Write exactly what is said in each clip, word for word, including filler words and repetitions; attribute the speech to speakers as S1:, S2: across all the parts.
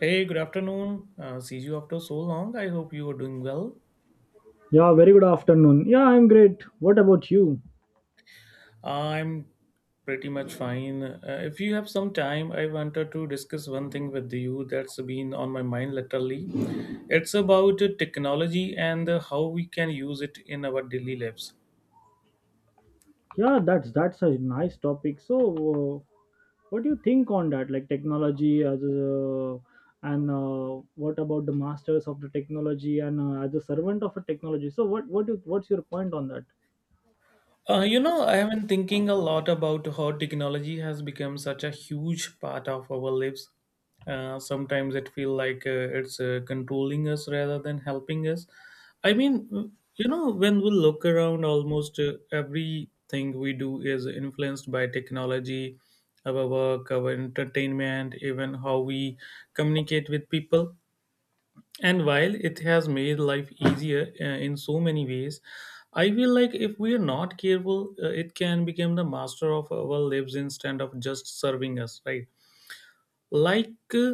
S1: Hey, good afternoon. Uh, see you after so long. I hope you are doing well.
S2: Yeah, very good afternoon. Yeah, I'm great. What about you?
S1: I'm pretty much fine. Uh, if you have some time, I wanted to discuss one thing with you that's been on my mind literally. It's about uh, technology and uh, how we can use it in our daily lives.
S2: Yeah, that's that's a nice topic. So, uh, what do you think on that? Like technology as a, and uh, what about the masters of the technology and uh, as a servant of a technology? So, what what do, what's your point on that?
S1: Uh, you know, I have been thinking a lot about how technology has become such a huge part of our lives. Uh, sometimes it feels like uh, it's uh, controlling us rather than helping us. I mean, you know, when we look around, almost uh, everything we do is influenced by technology, our work, our entertainment, even how we communicate with people, and while it has made life easier uh, in so many ways, I feel like if we are not careful, uh, it can become the master of our lives instead of just serving us, right? Like, uh,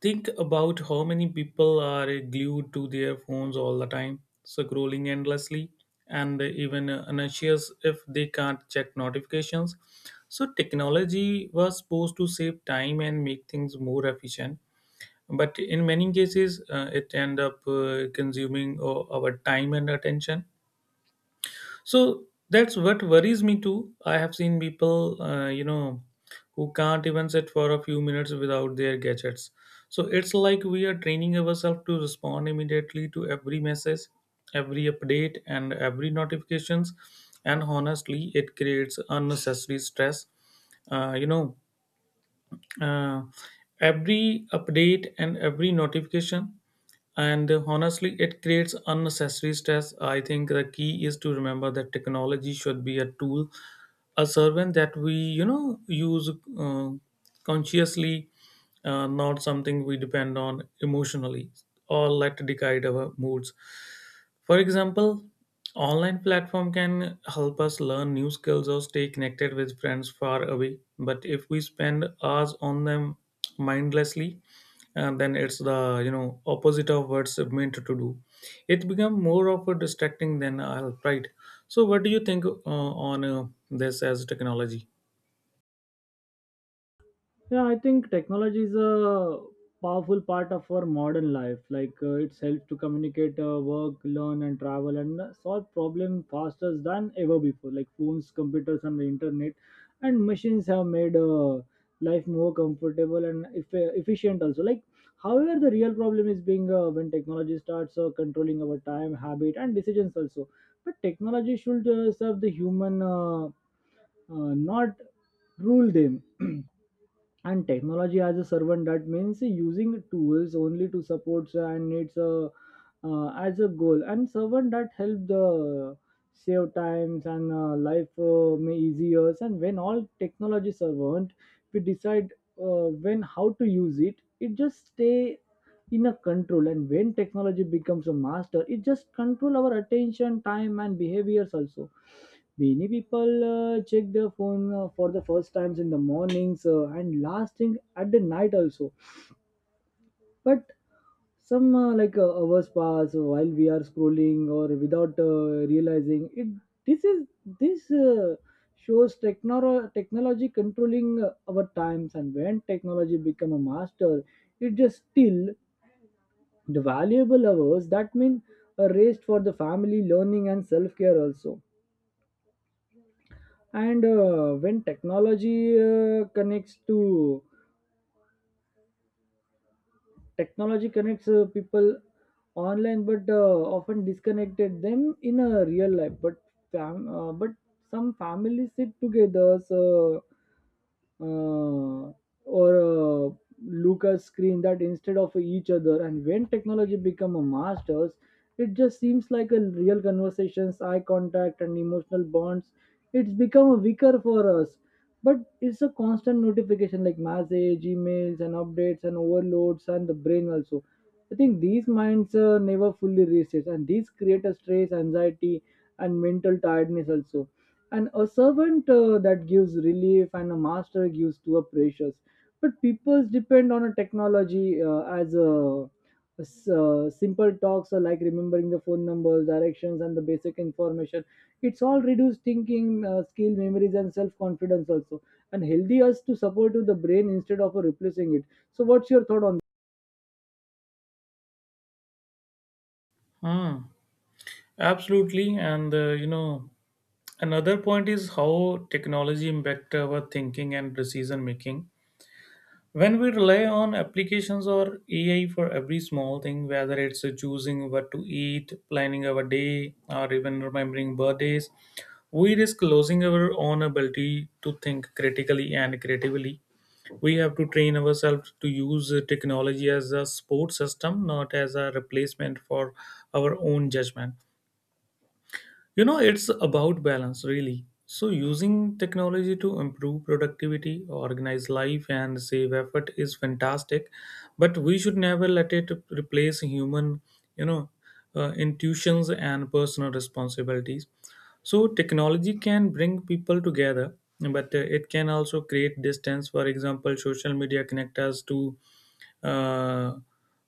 S1: think about how many people are uh, glued to their phones all the time, scrolling endlessly, and even uh, anxious if they can't check notifications. So, technology was supposed to save time and make things more efficient, but in many cases uh, it end up uh, consuming uh, our time and attention. So that's what worries me too. I have seen people uh, you know who can't even sit for a few minutes without their gadgets. So it's like we are training ourselves to respond immediately to every message, every update, and every notifications, and honestly it creates unnecessary stress. uh, you know uh, every update and every notification, and uh, honestly it creates unnecessary stress. I think the key is to remember that technology should be a tool, a servant that we you know use uh, consciously, uh, not something we depend on emotionally or let guide our moods. For example, online platform can help us learn new skills or stay connected with friends far away, but if we spend hours on them mindlessly, and then it's the you know opposite of what's meant to do. It become more of a distracting than a help, right? So what do you think uh, on uh, this as technology?
S2: Yeah, I think technology is a powerful part of our modern life. Like uh, it's helped to communicate, uh, work, learn, and travel, and uh, solve problems faster than ever before. Like phones, computers, and the internet, and machines have made uh, life more comfortable and eff- efficient. Also, like however, the real problem is being uh, when technology starts uh, controlling our time, habit, and decisions. Also, but technology should uh, serve the human, uh, uh, not rule them. And technology as a servant that means using tools only to support and needs a, uh, as a goal and servant that help the save times and uh, life uh, may easier, and when all technology servant, we decide uh, when how to use it, it just stay in a control. And when technology becomes a master, it just control our attention, time, and behaviors. Also, many people uh, check their phone uh, for the first times in the mornings, uh, and last thing at the night. Also, but some, uh, like uh, hours pass while we are scrolling or without uh, realizing it. This is this uh, shows technolo- technology controlling uh, our times. And when technology become a master, it just still the valuable hours, that mean uh, raised for the family, learning, and self care. Also, and uh, when technology uh, connects to technology connects uh, people online, but uh, often disconnected them in a real life. But fam- uh, but some families sit together, so uh, or uh, Lucas screen that instead of each other. And when technology become a masters, it just seems like a real conversations, eye contact, and emotional bonds. It's become a weaker for us, but it's a constant notification like message, emails, and updates, and overloads, and the brain. Also, I think these minds uh, never fully resets, and these create a stress, anxiety, and mental tiredness. Also, and a servant uh, that gives relief, and a master gives to a precious. But peoples depend on a technology uh, as uh, a, s- uh, simple talks or like remembering the phone numbers, directions, and the basic information. It's all reduced thinking uh, skill, memories, and self-confidence. Also, and healthy us to support to the brain instead of uh, replacing it. So what's your thought on?
S1: Hmm. Absolutely, and uh, you know another point is how technology impact our thinking and decision making. When we rely on applications or A I for every small thing, whether it's choosing what to eat, planning our day, or even remembering birthdays, we risk losing our own ability to think critically and creatively. We have to train ourselves to use technology as a support system, not as a replacement for our own judgment. You know, it's about balance, really. So, using technology to improve productivity, organize life, and save effort is fantastic, but we should never let it replace human, you know, uh, intuitions and personal responsibilities. So, technology can bring people together, but uh, it can also create distance. For example, social media connect us to uh,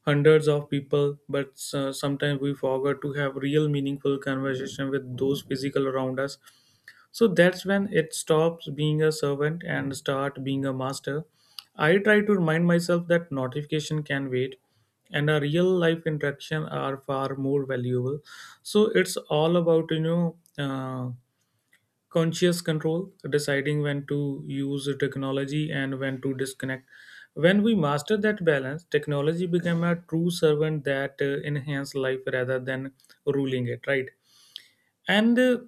S1: hundreds of people, but uh, sometimes we forget to have real meaningful conversation with those physical around us. So that's when it stops being a servant and start being a master. I try to remind myself that notification can wait and a real life interaction are far more valuable. So it's all about you know uh, conscious control, deciding when to use technology and when to disconnect. When we master that balance, technology became a true servant that uh, enhanced life rather than ruling it, right? And uh,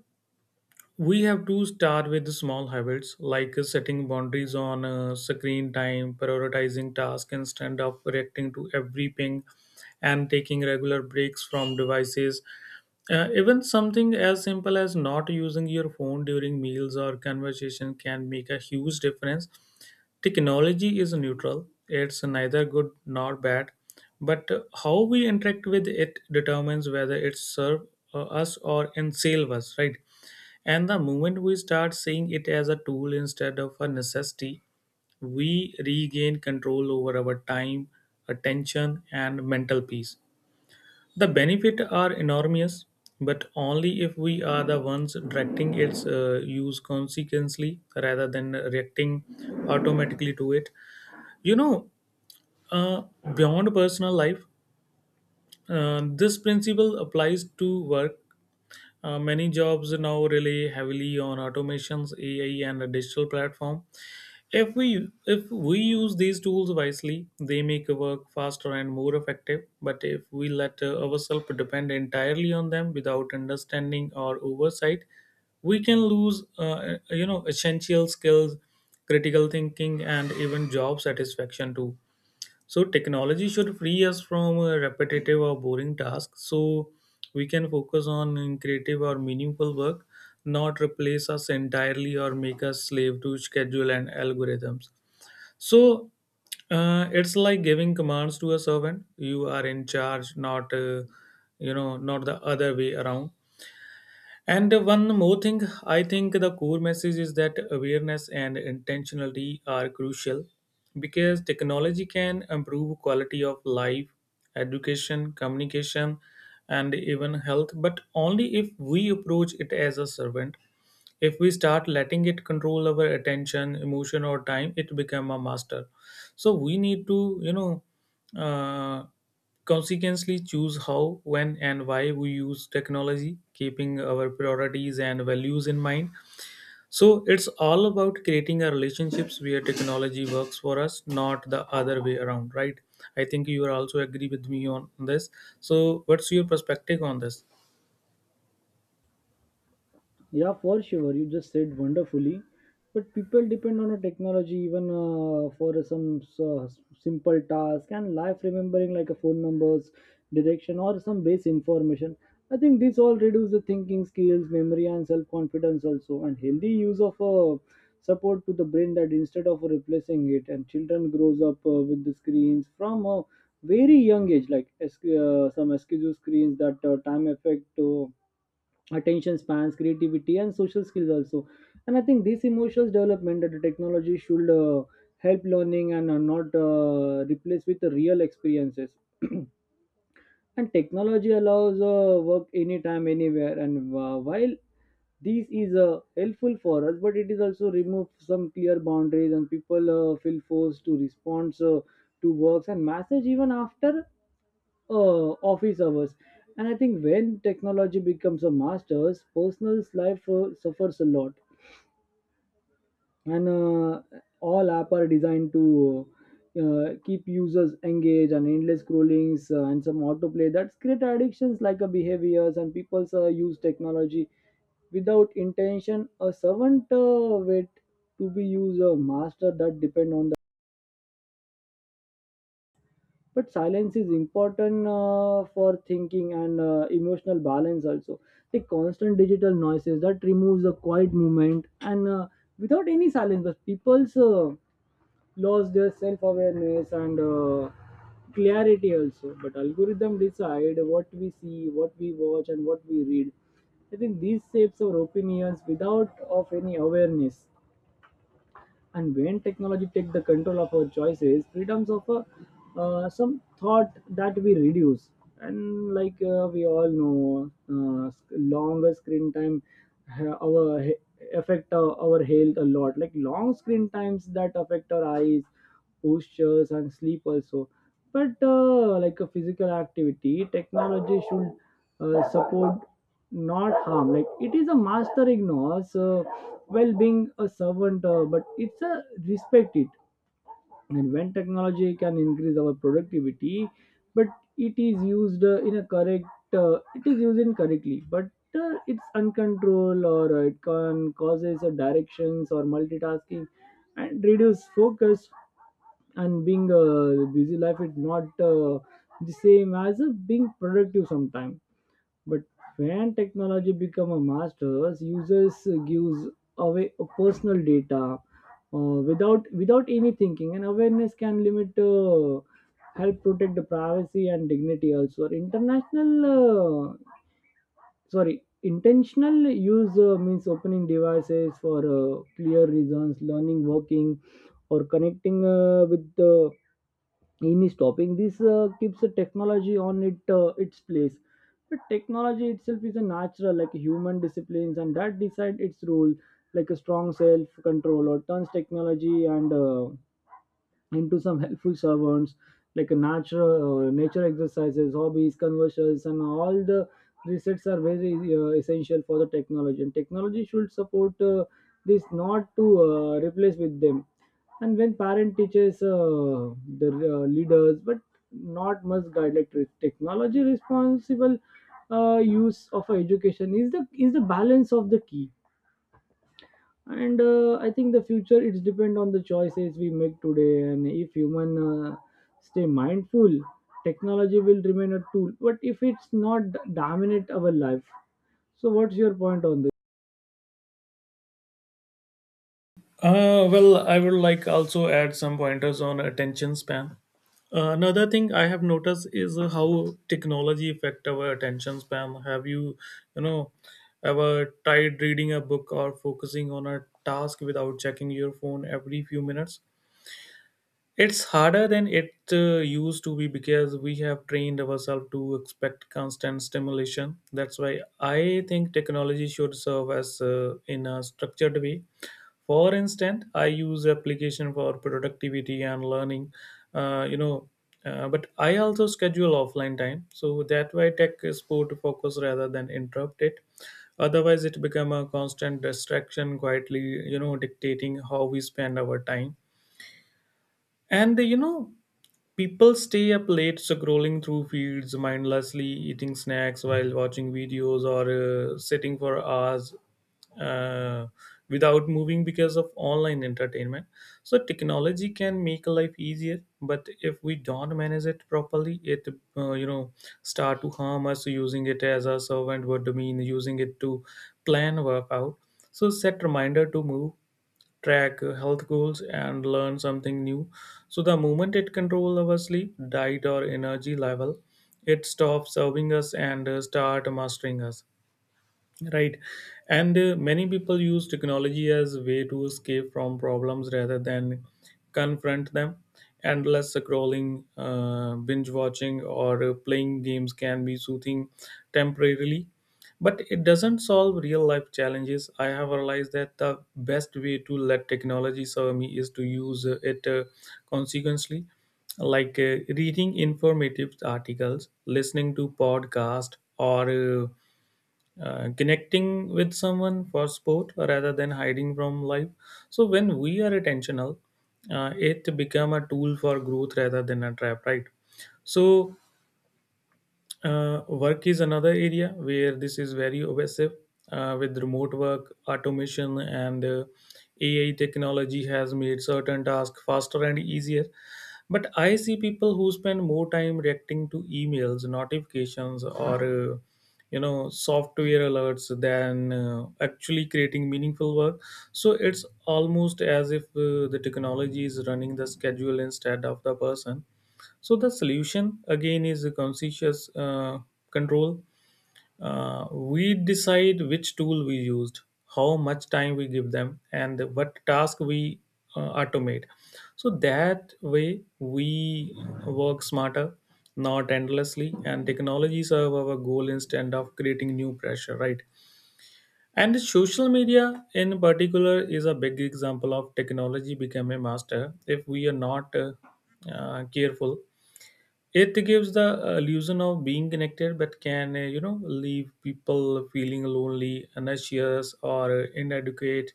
S1: we have to start with the small habits like uh, setting boundaries on uh, screen time, prioritizing tasks instead of reacting to every ping, and taking regular breaks from devices. Uh, even something as simple as not using your phone during meals or conversation can make a huge difference. Technology is neutral, it's neither good nor bad, but how we interact with it determines whether it serves us or enslave us, right? And the moment we start seeing it as a tool instead of a necessity, we regain control over our time, attention, and mental peace. The benefits are enormous, but only if we are the ones directing its uh, use consequently rather than reacting automatically to it. You know, uh, Beyond personal life, uh, this principle applies to work. Uh, many jobs now rely heavily on automations, A I, and a digital platform. If we if we use these tools wisely, they make work faster and more effective. But if we let uh, ourselves depend entirely on them without understanding or oversight, we can lose uh, you know essential skills, critical thinking, and even job satisfaction too. So technology should free us from uh, repetitive or boring tasks so we can focus on creative or meaningful work, not replace us entirely or make us slave to schedule and algorithms. So uh, it's like giving commands to a servant. You are in charge, not uh, you know, not the other way around. And one more thing, I think the core message is that awareness and intentionality are crucial because technology can improve quality of life, education, communication, and even health, but only if we approach it as a servant. If we start letting it control our attention, emotion, or time, it become a master. So we need to you know uh, consequently choose how, when, and why we use technology, keeping our priorities and values in mind. So it's all about creating a relationships where technology works for us, not the other way around, right? I think you are also agree with me on this. So what's your perspective on this?
S2: Yeah, for sure. You just said wonderfully. But people depend on a technology even uh, for some uh, simple task and life remembering like a phone numbers, direction, or some base information. I think this all reduce the thinking skills, memory, and self confidence. Also, and healthy use of uh, support to the brain that instead of replacing it. And children grows up uh, with the screens from a very young age, like uh, some excuse screens that uh, time effect. Uh, attention spans, creativity, and social skills. Also, and I think this emotional development that the technology should uh, help learning and uh, not uh, replace with the real experiences. And technology allows uh, work anytime anywhere, and uh, while this is uh, helpful for us, but it is also remove some clear boundaries, and people uh, feel forced to respond uh, to works and message even after uh, office hours. And I think when technology becomes a master's, personal life uh, suffers a lot. And uh, all app are designed to uh, keep users engaged, and endless scrollings, uh, and some autoplay that's create addictions like a behaviors, and people uh, use technology without intention. A servant uh, wait to be used, a master that depend on the. But silence is important uh, for thinking and uh, emotional balance. Also, the constant digital noises that removes the quiet movement, and uh, without any silence, but people's uh, lost their self-awareness and uh, clarity. Also, but algorithm decide what we see, what we watch, and what we read. I think these shapes our opinions without of any awareness. And when technology take the control of our choices, freedoms of a, uh, some thought that we reduce. And like uh, we all know, uh, sc- longer screen time ha- our he- affect uh, our health a lot, like long screen times that affect our eyes, postures, and sleep. Also, but uh, like a physical activity, technology should uh, support, not harm, like it is a master ignores uh, well being, a servant uh, but it's a respect it. And when technology can increase our productivity, but it is used uh, in a correct, uh, it is used incorrectly, but uh, it's uncontrolled, or uh, it can causes uh, directions or multitasking and reduce focus. And being a busy life is not uh, the same as uh, being productive sometimes. But when technology become a master, users gives away personal data, uh, without without any thinking, and awareness can limit, uh, help protect the privacy and dignity. Also, International, uh, sorry, intentional use uh, means opening devices for uh, clear reasons, learning, working, or connecting uh, with the aim is stopping this, uh, keeps the technology on it uh, its place. But technology itself is a natural like human disciplines, and that decide its role, like a strong self control or turns technology, and uh, into some helpful servants, like a natural uh, nature, exercises, hobbies, conversions, and all the resets are very uh, essential for the technology. And technology should support uh, this, not to uh, replace with them. And when parent teaches uh, the uh, leaders, but not must guide, like re- technology responsible uh, use of education is the is the balance of the key. And uh, I think the future, it's depend on the choices we make today. And if human uh, stay mindful, technology will remain a tool, but if it's not, dominate our life. So what's your point on this?
S1: Uh, well, I would like also add some pointers on attention span. Uh, Another thing I have noticed is uh, how technology affect our attention span. Have you, you know, ever tried reading a book or focusing on a task without checking your phone every few minutes? It's harder than it uh, used to be because we have trained ourselves to expect constant stimulation. That's why I think technology should serve as uh, in a structured way. For instance, I use application for productivity and learning, uh, you know, uh, but I also schedule offline time. So that way tech is put to focus rather than interrupt it. Otherwise, it become a constant distraction, quietly, you know, dictating how we spend our time. And uh, you know, people stay up late scrolling through feeds mindlessly, eating snacks while watching videos, or uh, sitting for hours uh, without moving because of online entertainment. So, technology can make life easier, but if we don't manage it properly, it uh, you know start to harm us. Using it as a servant would mean using it to plan work out. So, set reminder to move, track uh, health goals, and learn something new. So the moment it controls our sleep, diet, or energy level, it stops serving us and uh, start mastering us. Right. And uh, many people use technology as a way to escape from problems rather than confront them. Endless scrolling, uh, binge watching, or uh, playing games can be soothing temporarily, but it doesn't solve real life challenges. I have realized that the best way to let technology serve me is to use uh, it uh, consequently, like uh, reading informative articles, listening to podcast, or uh, uh, connecting with someone for sport rather than hiding from life. So when we are intentional, uh, it become a tool for growth rather than a trap, right? So uh, work is another area where this is very obsessive. Uh, with remote work, automation, and uh, A I technology has made certain tasks faster and easier. But I see people who spend more time reacting to emails, notifications, or uh, you know software alerts than uh, actually creating meaningful work. So it's almost as if uh, the technology is running the schedule instead of the person. So the solution again is a conscious uh, control. Uh, we decide which tool we used, how much time we give them, and what task we uh, automate. So that way we work smarter, not endlessly, and technology serve our goal instead of creating new pressure, right? And social media in particular is a big example of technology become a master if we are not uh, uh, careful. It gives the uh, illusion of being connected, but can uh, you know leave people feeling lonely, anxious, or inadequate.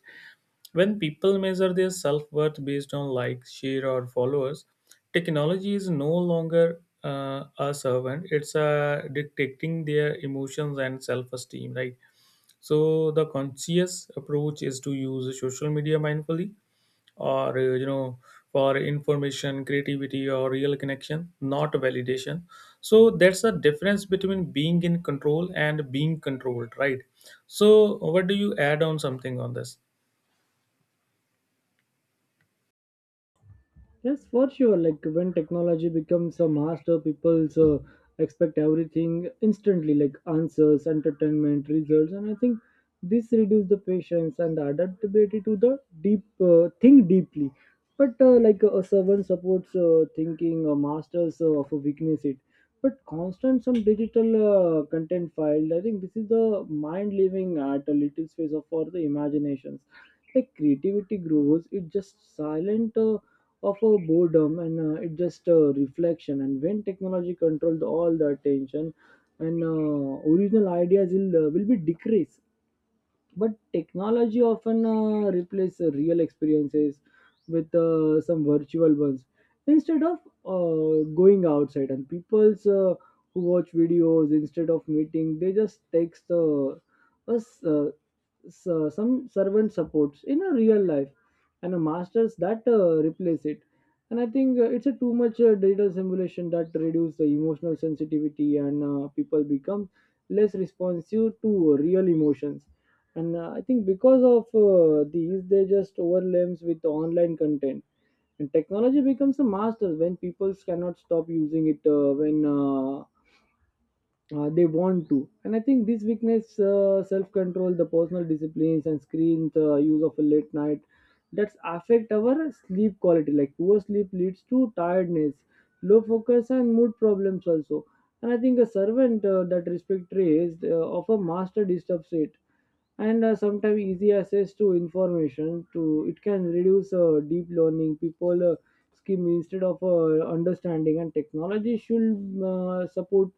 S1: When people measure their self worth based on likes, share, or followers, technology is no longer uh, a servant. It's uh, detecting their emotions and self esteem. Right. So the conscious approach is to use social media mindfully or uh, you know for information creativity or real connection, not validation. So that's the difference between being in control and being controlled, right? So what do you add on something on this?
S2: Yes, for sure. Like when technology becomes a master, people uh, expect everything instantly, like answers, entertainment, results. And I think this reduces the patience and the adaptability to the deep uh, think deeply. But uh, like a servant supports uh, thinking, a masters uh, of a weakness it. But constant some digital uh, content filed. I think this is the mind living at a little space of for the imaginations. Like creativity grows, it just silent. Uh, of our boredom, and uh, it's just a reflection. And when technology controls all the attention, and uh, original ideas will, uh, will be decreased. But technology often uh, replaces real experiences with uh, some virtual ones, instead of uh, going outside. And people's uh, who watch videos instead of meeting, they just text uh, us uh, s- uh, some servant supports in a real life, and a masters that uh, replace it. And I think uh, it's a too much uh, data simulation that reduce the emotional sensitivity, and uh, people become less responsive to real emotions. And uh, I think because of uh, these, they just overlaps with online content. And technology becomes a master when people cannot stop using it, uh, when uh, uh, they want to. And I think this weakness uh, self-control, the personal disciplines, and screen the use of a late night, that's affect our sleep quality, like poor sleep leads to tiredness, low focus, and mood problems. Also, and I think a servant uh, that respect raised uh, of a master disturbs it. And uh, sometimes easy access to information to it can reduce uh, deep learning. People uh, skim instead of uh, understanding. And technology should uh, support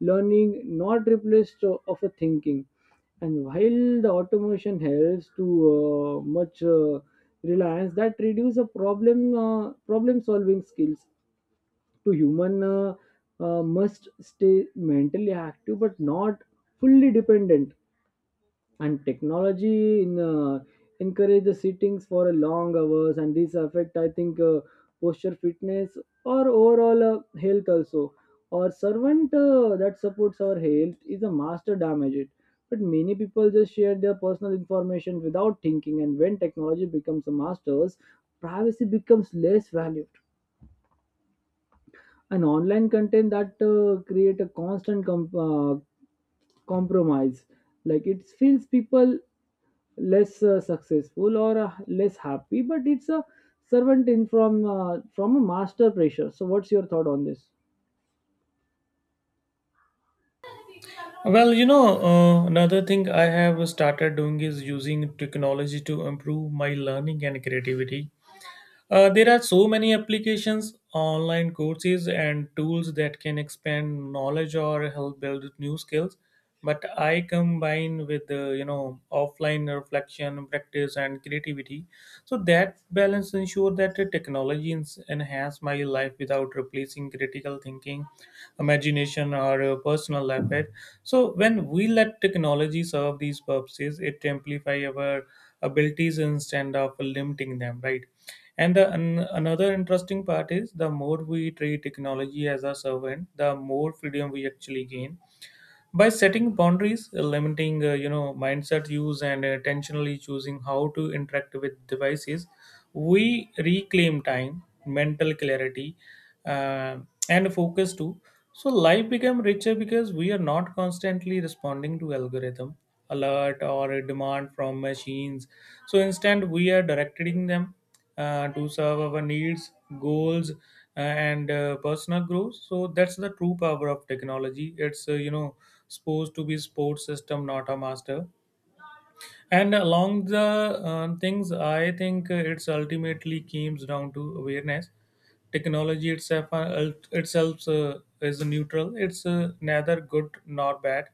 S2: learning, not replaced uh, of a thinking. And while the automation helps to uh, much uh, reliance that reduce the problem uh, problem solving skills to human, uh, uh, must stay mentally active, but not fully dependent. And technology in, uh, encourage the sittings for a long hours. And this affect, I think, uh, posture, fitness, or overall uh, health. Also, or servant uh, that supports our health is a master damage it. But many people just share their personal information without thinking. And when technology becomes a master's, privacy becomes less valued. And online content that uh, create a constant com- uh, compromise, like it feels people less uh, successful or uh, less happy, but it's a servant in from uh, from a master pressure. So what's your thought on this?
S1: Well, you know uh, another thing I have started doing is using technology to improve my learning and creativity. Uh, there are so many applications, online courses, and tools that can expand knowledge or help build new skills. But I combine with the you know offline reflection, practice, and creativity. So that balance ensure that the technology ens- enhance my life without replacing critical thinking, imagination, or uh, personal effort. So when we let technology serve these purposes, it amplify our abilities instead of limiting them. Right, and the, an, another interesting part is the more we treat technology as a servant, the more freedom we actually gain by setting boundaries, uh, limiting uh, you know mindset use, and intentionally choosing how to interact with devices. We reclaim time, mental clarity, uh, and focus too. So life become richer because we are not constantly responding to algorithm alert or a demand from machines. So instead, we are directing them uh, to serve our needs, goals, uh, and uh, personal growth. So that's the true power of technology. It's uh, you know supposed to be support system, not a master. And along the um, things, I think uh, it's ultimately comes down to awareness. Technology itself uh, itself uh, is neutral. It's uh, neither good nor bad.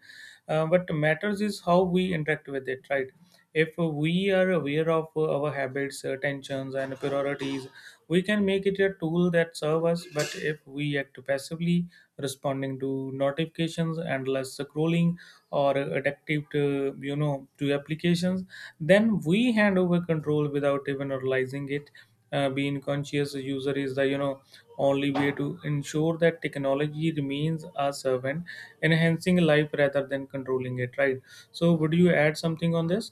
S1: Uh, what matters is how we interact with it, right? If we are aware of uh, our habits, uh, tensions, and priorities, we can make it a tool that serves us. But if we act passively, responding to notifications, endless scrolling, or addictive to you know to applications, then we hand over control without even realizing it. Uh, being conscious user is the you know only way to ensure that technology remains a servant, enhancing life rather than controlling it, right? So would you add something on this?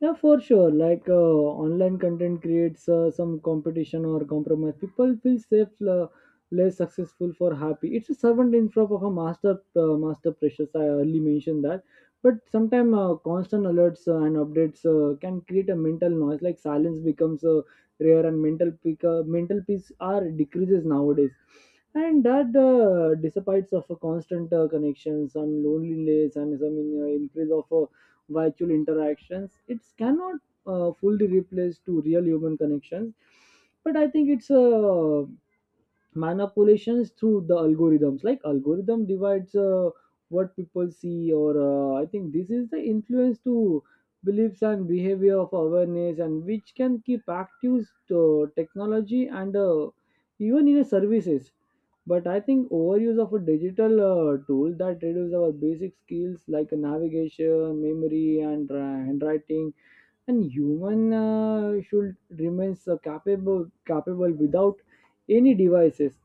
S2: Yeah, for sure. Like uh, online content creates uh, some competition or compromise. People feel safe, uh, less successful, for happy. It's a servant in front of a master, uh, master precious. I early mentioned that. But sometimes uh, constant alerts uh, and updates uh, can create a mental noise. Like silence becomes uh, rare, and mental peak, uh, mental peace are decreases nowadays. And that uh, dissipates of a constant uh, connections and loneliness and some in, uh, increase of uh, virtual interactions it cannot uh, fully replace to real human connections, but I think it's uh, manipulations through the algorithms. Like algorithm divides uh, what people see, or uh, I think this is the influence to beliefs and behavior of awareness, and which can keep active uh, technology and uh, even in a services. But I think overuse of a digital uh, tool that reduces our basic skills like navigation memory and uh, handwriting, and human uh, should remains uh, capable, capable without any devices.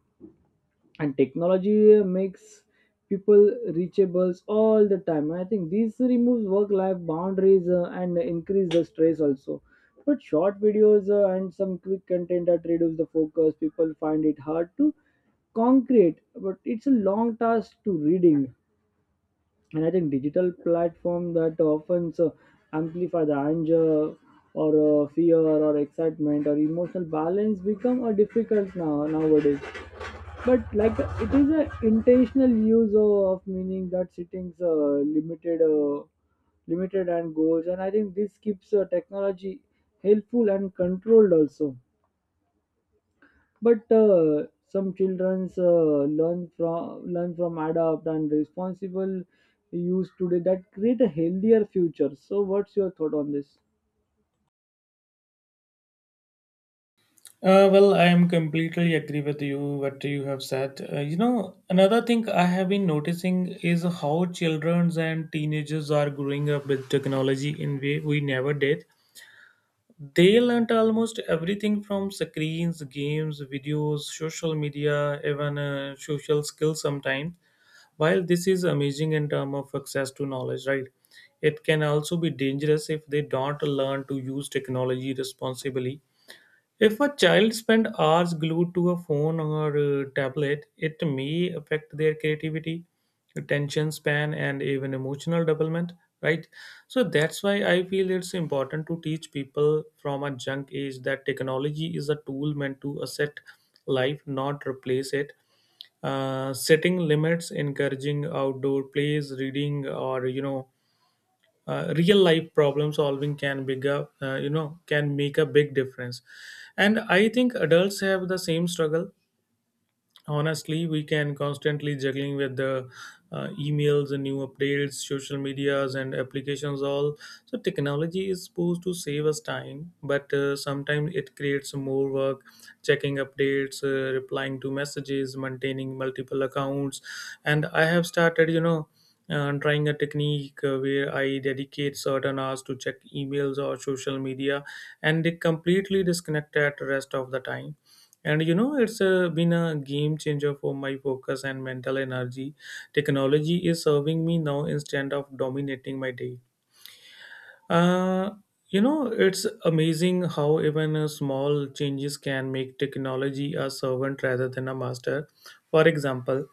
S2: And technology uh, makes people reachable all the time. I think this removes work life boundaries uh, and increase the stress also. But short videos uh, and some quick content that reduce the focus, people find it hard to concrete, but it's a long task to reading. And I think digital platform that often uh, amplify the anger, or uh, fear or excitement, or emotional balance become a difficult now nowadays. But like uh, it is an intentional use uh, of meaning that settings uh, limited, uh, limited and goals, and I think this keeps uh, technology helpful and controlled also. But uh, some childrens uh, learn from learn from adapt and responsible use today that create a healthier future. So, what's your thought on this?
S1: uh, Well, I am completely agree with you what you have said. Uh, you know, another thing I have been noticing is how childrens and teenagers are growing up with technology in way we never did. They learnt almost everything from screens, games, videos, social media, even uh, social skills sometimes. While this is amazing in terms of access to knowledge, right? It can also be dangerous if they don't learn to use technology responsibly. If a child spends hours glued to a phone or a tablet, it may affect their creativity, attention span, and even emotional development. Right, so that's why I feel it's important to teach people from a young age that technology is a tool meant to assist life, not replace it. Uh, setting limits, encouraging outdoor plays, reading, or you know, uh, real life problem solving can bigger uh, you know can make a big difference. And I think adults have the same struggle. Honestly, we can constantly juggling with the uh, emails and new updates, social medias and applications all. So technology is supposed to save us time, but uh, sometimes it creates more work, checking updates, uh, replying to messages, maintaining multiple accounts. And I have started, you know uh, trying a technique uh, where I dedicate certain hours to check emails or social media, and they completely disconnect at the rest of the time. And you know it's uh, been a game changer for my focus and mental energy. Technology is serving me now instead of dominating my day. uh, you know it's amazing how even uh, small changes can make technology a servant rather than a master. For example,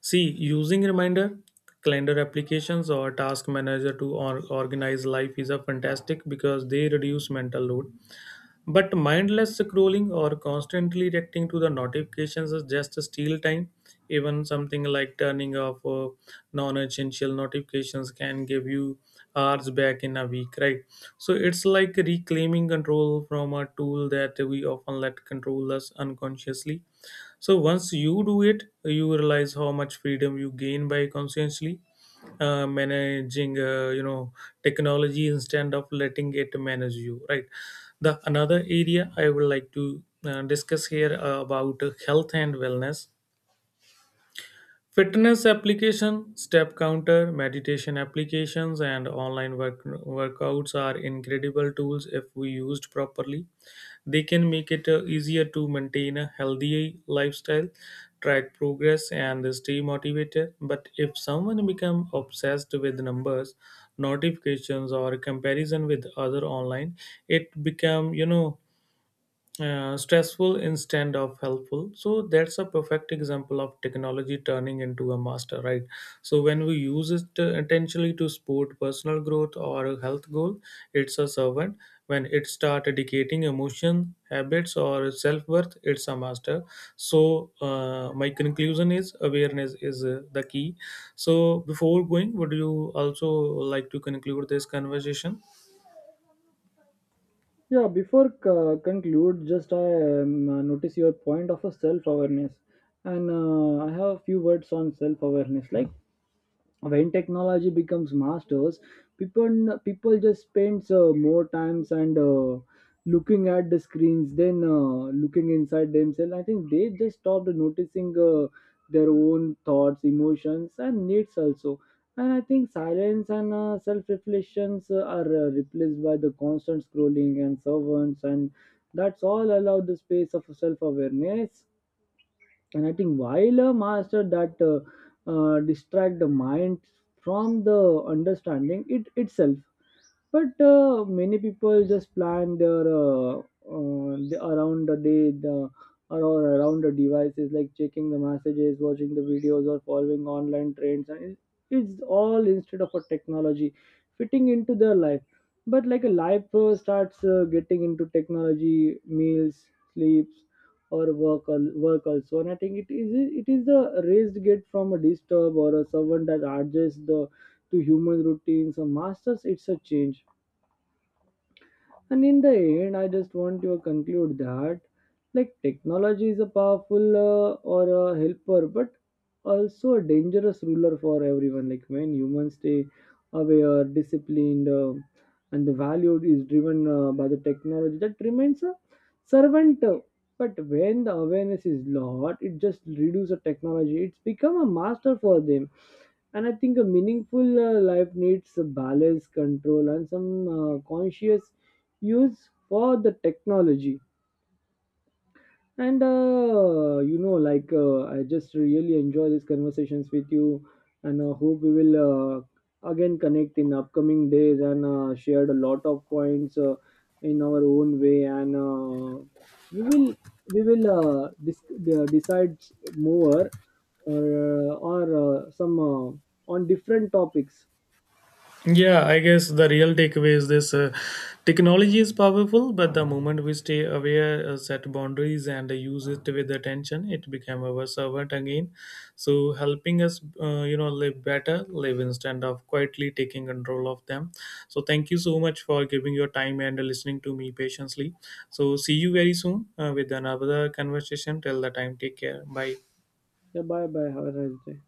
S1: see, using reminder calendar applications or task manager to or- organize life is a fantastic because they reduce mental load. But mindless scrolling or constantly reacting to the notifications is just steal time. Even something like turning off uh, non-essential notifications can give you hours back in a week, right? So it's like reclaiming control from a tool that we often let control us unconsciously. So once you do it, you realize how much freedom you gain by consciously uh, managing uh, you know technology instead of letting it manage you, right? The another area I would like to uh, discuss here uh, about uh, health and wellness. Fitness application, step counter, meditation applications, and online work workouts are incredible tools if we used properly. They can make it uh, easier to maintain a healthy lifestyle, track progress, and stay motivated. But if someone becomes obsessed with numbers, notifications, or comparison with other online, it become you know uh, stressful instead of helpful. So that's a perfect example of technology turning into a master, right? So when we use it uh, intentionally to support personal growth or a health goal, it's a servant. When it start educating emotion habits or self-worth, it's a master. So uh, my conclusion is awareness is uh, the key. So before going, would you also like to conclude this conversation?
S2: Yeah, before uh, conclude, just I um, uh, notice your point of a self awareness, and uh, I have a few words on self awareness. Like when technology becomes masters, people people just spends uh, more times and uh, looking at the screens than uh, looking inside themselves. I think they just stopped noticing uh, their own thoughts, emotions, and needs also. And I think silence and uh, self reflections are uh, replaced by the constant scrolling and servants, and that's all allow the space of self awareness. And I think while a master that uh, uh, distract the mind from the understanding it itself. But uh, many people just plan their uh, uh, the, around the day the, or around the devices, like checking the messages, watching the videos, or following online trends, and it- it's all instead of a technology fitting into their life. But like a life uh, starts uh, getting into technology meals, sleep, or work al- work also. And I think it is, it is the raised gate from a disturb, or a servant that adjusts the to human routines, or masters it's a change. And in the end, I just want to conclude that like technology is a powerful uh, or a helper, but also a dangerous ruler for everyone. Like when humans stay aware, disciplined, uh, and the value is driven uh, by the technology, that remains a servant. uh, But when the awareness is lost, it just reduces the technology. It's become a master for them. And I think a meaningful uh, life needs a balance control and some uh, conscious use for the technology. And uh, you know like uh, I just really enjoy these conversations with you, and uh, hope we will uh, again connect in upcoming days, and uh, shared a lot of points uh, in our own way, and uh, we will we will uh, dis- uh, decide more, or uh, or uh, some uh, on different topics.
S1: Yeah, I guess the real takeaway is this: uh, technology is powerful, but the moment we stay aware, uh, set boundaries, and uh, use it with attention, it become our servant again. So, helping us, uh, you know, live better, live instead of quietly taking control of them. So, thank you so much for giving your time and listening to me patiently. So, see you very soon uh, with another conversation. Till the time, take care. Bye.
S2: Yeah, bye bye, have a nice day.